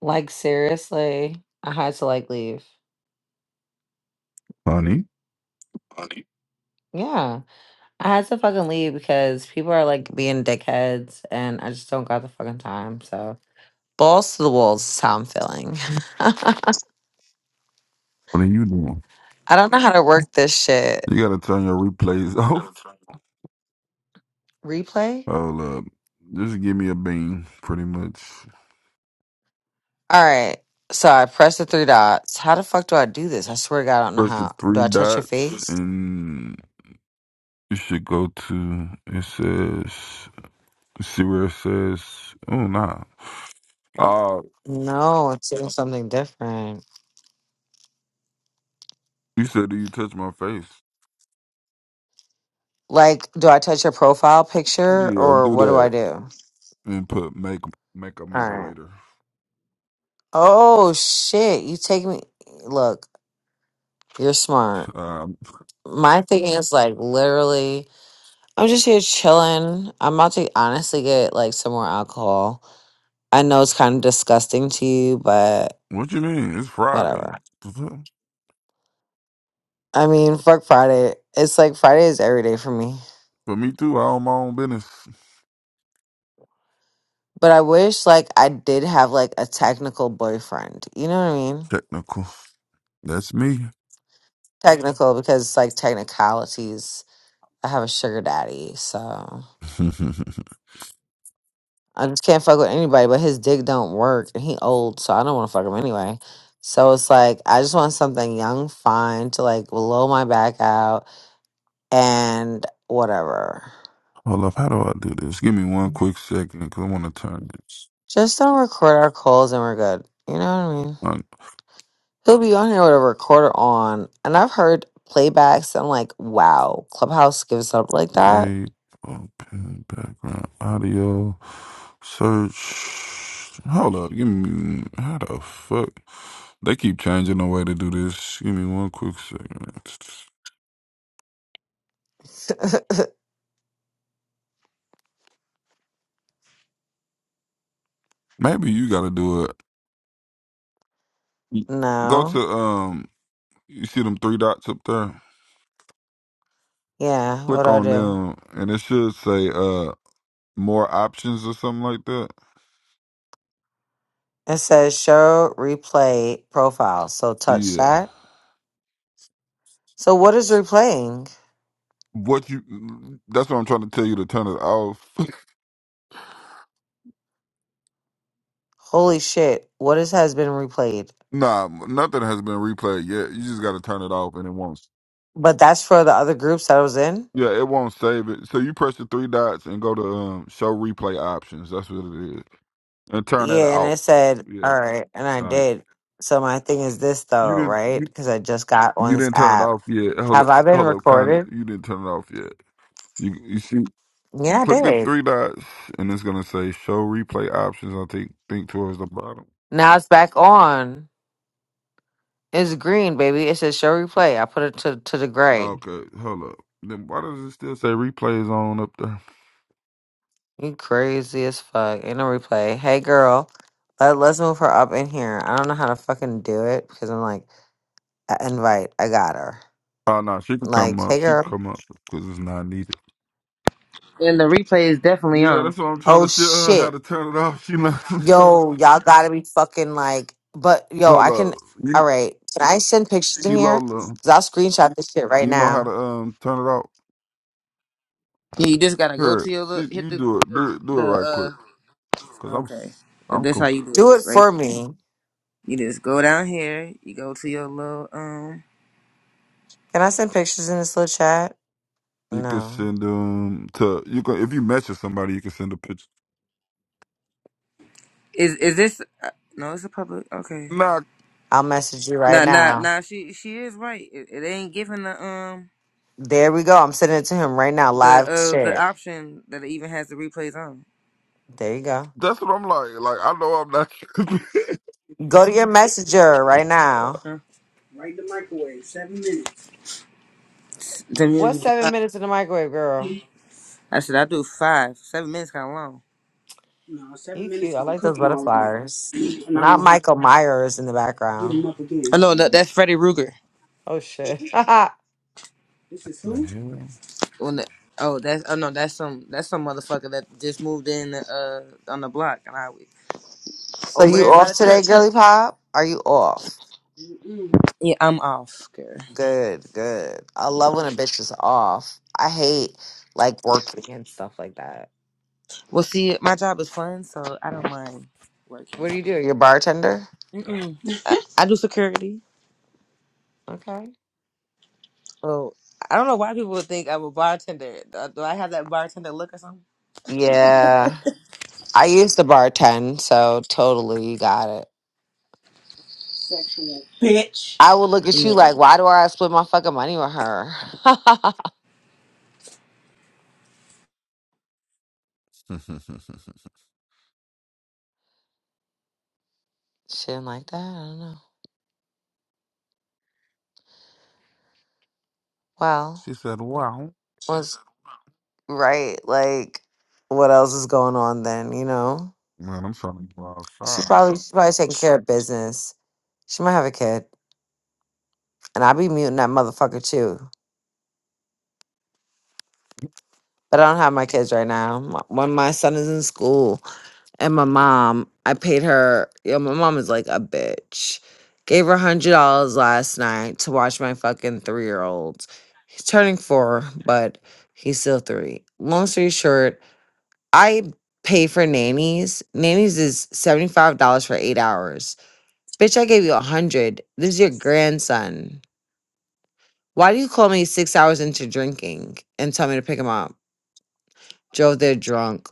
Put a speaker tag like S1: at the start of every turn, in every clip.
S1: Like seriously, I had to like leave.
S2: Honey,
S1: Yeah, I had to fucking leave because people are like being dickheads, and I just don't got the fucking time. So balls to the walls is how I'm feeling.
S2: what are you doing?
S1: I don't know how to work this shit.
S2: You gotta turn your replays off.
S1: Replay.
S2: Hold up. Just give me a bean, pretty much.
S1: All right. So I press the three dots. How the fuck do I do this? I swear to God, I don't know
S2: Press the
S1: how. Do
S2: three
S1: I touch your
S2: dots
S1: face?
S2: and you should go to it says see where it says oh nah. Uh
S1: No, it's doing something different.
S2: you said do you touch my face?
S1: Like, do I touch your profile picture
S2: Yeah,
S1: or
S2: do
S1: what do I
S2: that.
S1: do?
S2: And put make make a
S1: All right.
S2: moderator.
S1: Oh shit! You take me. Look, you're smart.
S2: Um
S1: My thing is like literally, I'm just here chilling. I'm about to honestly get like some more alcohol. I know it's kind of disgusting to you, but
S2: what you mean? It's Friday.
S1: whatever.
S2: For
S1: I mean, fuck Friday. It's like Friday is every day for me.
S2: me too, I own my own business.
S1: But I wish like I did have like a technical boyfriend. You know what I mean?
S2: Technical. That's me.
S1: Technical because it's like technicalities. I have a sugar daddy, so. I just can't fuck with anybody, but his dick don't work and he old, so I don't want to fuck him anyway. So it's like I just want something young, fine to like blow my back out and whatever.
S2: Hold up, how do I do this? Give me one quick second because I want to turn this
S1: Just don't record our calls and we're good. You know what I mean?
S2: on.
S1: He'll be on here with a recorder on, and I've heard playbacks. I'm like, wow, Clubhouse gives up like that?
S2: Create, open, background, audio, search. Hold up, give me, how the fuck? They keep changing the way to do this. Give me one quick second. Maybe you got to do it. Go to,
S1: No.
S2: um, you see them three dots up there?
S1: Yeah. What
S2: Click
S1: do I
S2: on
S1: do?
S2: them and it should say, uh, more options or something like that.
S1: It says show replay profile. So touch
S2: Yeah.
S1: that. So what is replaying?
S2: What you? That's what I'm trying to tell you to turn it off.
S1: Holy shit. What is has been replayed?
S2: nah, nothing has been replayed yet. You just got to turn it off, and it won't.
S1: But that's for the other groups that I was in?
S2: Yeah, it won't save it. So you press the three dots and go to um, show replay options. That's what it is, and turn that
S1: Yeah, and
S2: off.
S1: it said,
S2: Yeah,
S1: all right, and I
S2: all right.
S1: did. So my thing is this
S2: You
S1: though,
S2: didn't.
S1: right?
S2: You,
S1: Because I just got on
S2: you
S1: this
S2: didn't turn it
S1: app.
S2: off yet. Hello,
S1: Have I been
S2: hello, Connie.
S1: recorded?
S2: You didn't turn it off yet. You you see,
S1: Yeah, I
S2: click the
S1: did.
S2: three dots, and it's gonna say show replay options. I think think towards the bottom.
S1: Now it's back on. It's green, baby. It says show replay. I put it to, to the gray.
S2: Okay, hold up. Then why does it still say replays on up there?
S1: You crazy as fuck. Ain't no replay. Hey girl, let, let's move her up in here. I don't know how to fucking do it because I'm like, I- invite. I got her.
S2: Oh no, she could come
S1: Like,
S2: up.
S1: hey
S2: She could
S1: girl.
S2: come up because it's not needed.
S3: And the replay is definitely
S2: Yeah,
S3: on.
S2: that's what I'm trying
S1: Oh
S2: to tell her how
S1: shit.
S2: to turn it off. She know,
S1: Yo, y'all gotta be fucking like but yo,
S2: hold
S1: I
S2: up,
S1: can
S2: you,
S1: all right. Can I send pictures in here?
S2: Kilola.
S1: Cause I'll screenshot this shit right
S2: You know how to
S1: now.
S2: um turn it off.
S3: Yeah, you just gotta go
S2: Here,
S3: to your
S2: she,
S3: look, hit
S2: you
S3: the
S2: do it. Do it. Do it right
S3: the
S2: quick.
S3: uh.
S2: Cause I'm
S3: Okay,
S2: s- I'm
S3: that's how
S2: com-
S3: you do
S1: Do
S3: it,
S1: it
S3: right?
S1: for me.
S3: You just go down here. You go to your little um.
S1: Can I send pictures in this little chat?
S2: You can
S1: No.
S2: send um to you can if you message somebody you can send a picture.
S3: Is is this? Uh, no, it's a public. Okay.
S2: Nah,
S1: I'll message you right
S3: Nah, nah,
S1: now.
S3: nah. She she is right. It, it ain't giving the um
S1: There we go. I'm sending it to him right now.
S3: the
S1: Live
S3: uh the
S1: shit.
S3: option that it even has the replays on.
S1: There you go.
S2: that's what I'm like. Like I know I'm not.
S1: Go to your messenger right now.
S3: Huh? Right in the microwave. seven minutes. Seven
S1: What's
S3: minutes.
S1: seven minutes in the microwave, girl?
S3: I said I do five. Seven minutes kind of long. No, seven
S1: You cute.
S3: minutes
S1: I
S3: gonna
S1: like
S3: cook
S1: those
S3: them all,
S1: butterflies.
S3: and I
S1: Not
S3: won't have to.
S1: Michael Myers in the
S3: Beat him
S1: background.
S3: up again. Oh no, that, that's Freddy Ruger.
S1: Oh shit.
S3: This is
S2: the
S3: who?
S2: hell.
S3: When the, oh that's oh no that's some that's some motherfucker that just moved in uh on the block and I
S1: So
S3: over
S1: you
S3: there by
S1: off
S3: the
S1: today,
S3: church.
S1: girly pop? Are you off?
S3: Mm-mm. Yeah, I'm off, girl.
S1: Good, good. I love when a bitch is off. I hate like working and stuff like that.
S3: Well, see, my job is fun, so I don't mind working.
S1: What do you do? You're a bartender?
S3: Mm-mm. I do security.
S1: Okay.
S3: Oh, I don't know why people would think I'm a bartender. Do do I have that bartender look or something?
S1: Yeah. I used to bartend, so totally you got it.
S3: Sexual bitch.
S1: I would look at you like, why do I split my fucking money with her? She didn't like that. I don't know. Well,
S2: she said, "Wow."
S1: was right. Like, what else is going on then? You know,
S2: Man, I'm trying to go
S1: she's
S2: outside.
S1: probably she's probably taking care of business. She might have a kid. And I be muting that motherfucker too. But I don't have my kids right now. My- When my son is in school and my mom, I paid her, yo, my mom is like a bitch. Gave her $100 last night to watch my fucking three year old. He's turning four, but he's still three. Long story short, I pay for nannies. Nannies is $75 for eight hours. Bitch, I gave you a 100 This is your grandson. Why do you call me six hours into drinking and tell me to pick him up? Joe, they're drunk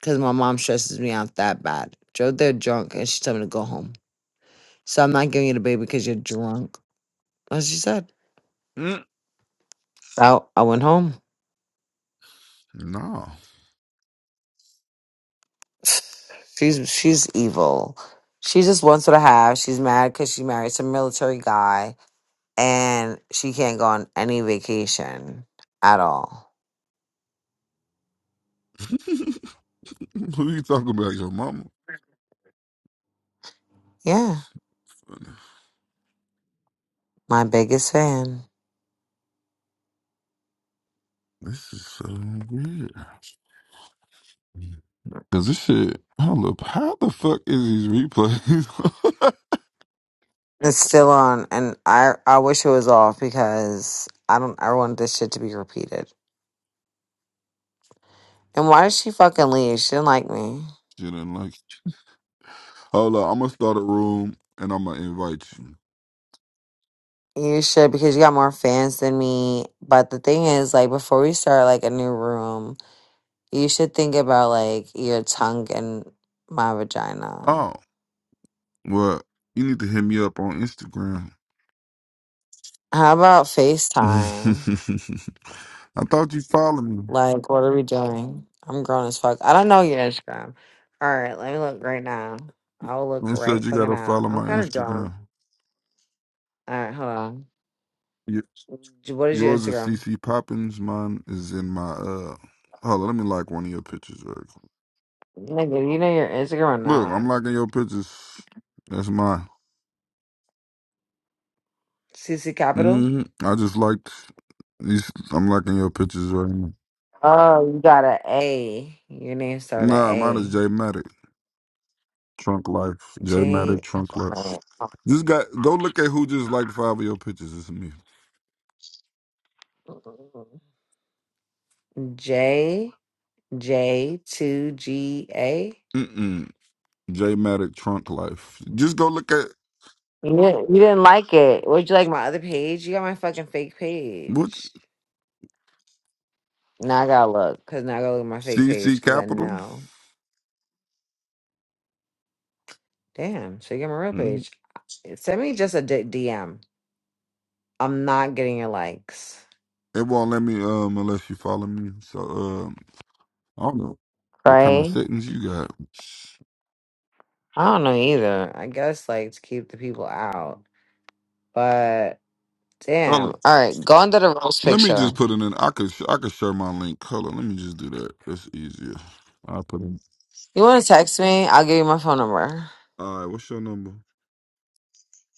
S1: because my mom stresses me out that bad. Joe, they're drunk and she told me to go home. So I'm not giving you the baby because you're drunk. That's What she said.
S2: Mm.
S1: So I went home.
S2: No.
S1: She's she's evil. She just wants what I have. She's mad because she married some military guy and she can't go on any vacation at all.
S2: Who you talking about? Your mama?
S1: Yeah, my biggest fan.
S2: This is so weird. Cause this shit, hold up, how the fuck is these replays?
S1: It's still on, and I I wish it was off because I don't I want this shit to be repeated. And why did she fucking leave? She didn't like me.
S2: shit ain't like. Hold up, I'm gonna start a room and I'm gonna invite you.
S1: You should because you got more fans than me. But the thing is, like before we start like a new room, you should think about like your tongue and my vagina.
S2: Oh, well, you need to hit me up on Instagram.
S1: How about FaceTime?
S2: I thought you followed me
S1: Like, what are we doing? I'm grown as fuck. I don't know your Instagram. All right, let me look right now. I'll look
S2: and said
S1: right
S2: you
S1: fucking
S2: gotta
S1: now.
S2: follow
S1: I'm
S2: my
S1: kind of drunk.
S2: Instagram.
S1: All right, hold on.
S2: Yeah.
S1: J- What is your
S2: Yours is
S1: Instagram?
S2: CC Poppins. Mine is in my uh. Hold on, let me like one of your pictures. Real quick.
S1: Nigga, you know your Instagram or
S2: Look, I'm
S1: not?
S2: liking your pictures. That's mine.
S1: CC Capital?
S2: hmm I just liked these. I'm liking your pictures right now.
S1: Oh, you got an A. A. Your name started with
S2: Nah, mine is J
S1: A.
S2: Matic. Trunk life. J Matic.
S1: J.
S2: Trunk life. This guy. Go look at who just liked five of your pictures. It's me.
S1: J. J. Two G A.
S2: Mm-mm. J Matic. Trunk life. Just go look at
S1: You didn't, you didn't like it. Would you like my other page? You got my fucking fake
S2: what
S1: page. Now I gotta look, cause now I gotta look at my fake page,
S2: CC
S1: cause I
S2: Capital.
S1: know. Damn, so you got my real
S2: Mhm.
S1: page. Send me just a d- DM. I'm not getting your likes,
S2: It won't let me um unless you follow me. So uh, I don't know what kind of
S1: right?
S2: settings you got.
S1: I don't know either. I guess like to keep the people out. But damn.
S2: Oh,
S1: All right, go under the rose
S2: let me
S1: picture.
S2: just put it in. I could I could share my link. Hold on, let me just do that. That's easier. I put in.
S1: You want to text me? I'll give you my phone number.
S2: All right, what's your number?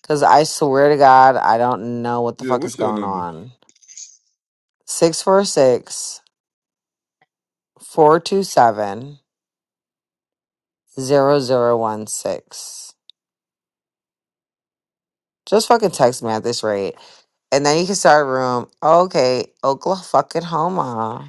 S1: Cause I swear to God, I don't know what the
S2: Yeah,
S1: fuck is
S2: what's your
S1: going
S2: number?
S1: on. Six four six four two seven zero zero one six. Just fucking text me at this rate. And then you can start a room. Okay, Oklahoma fucking Homa.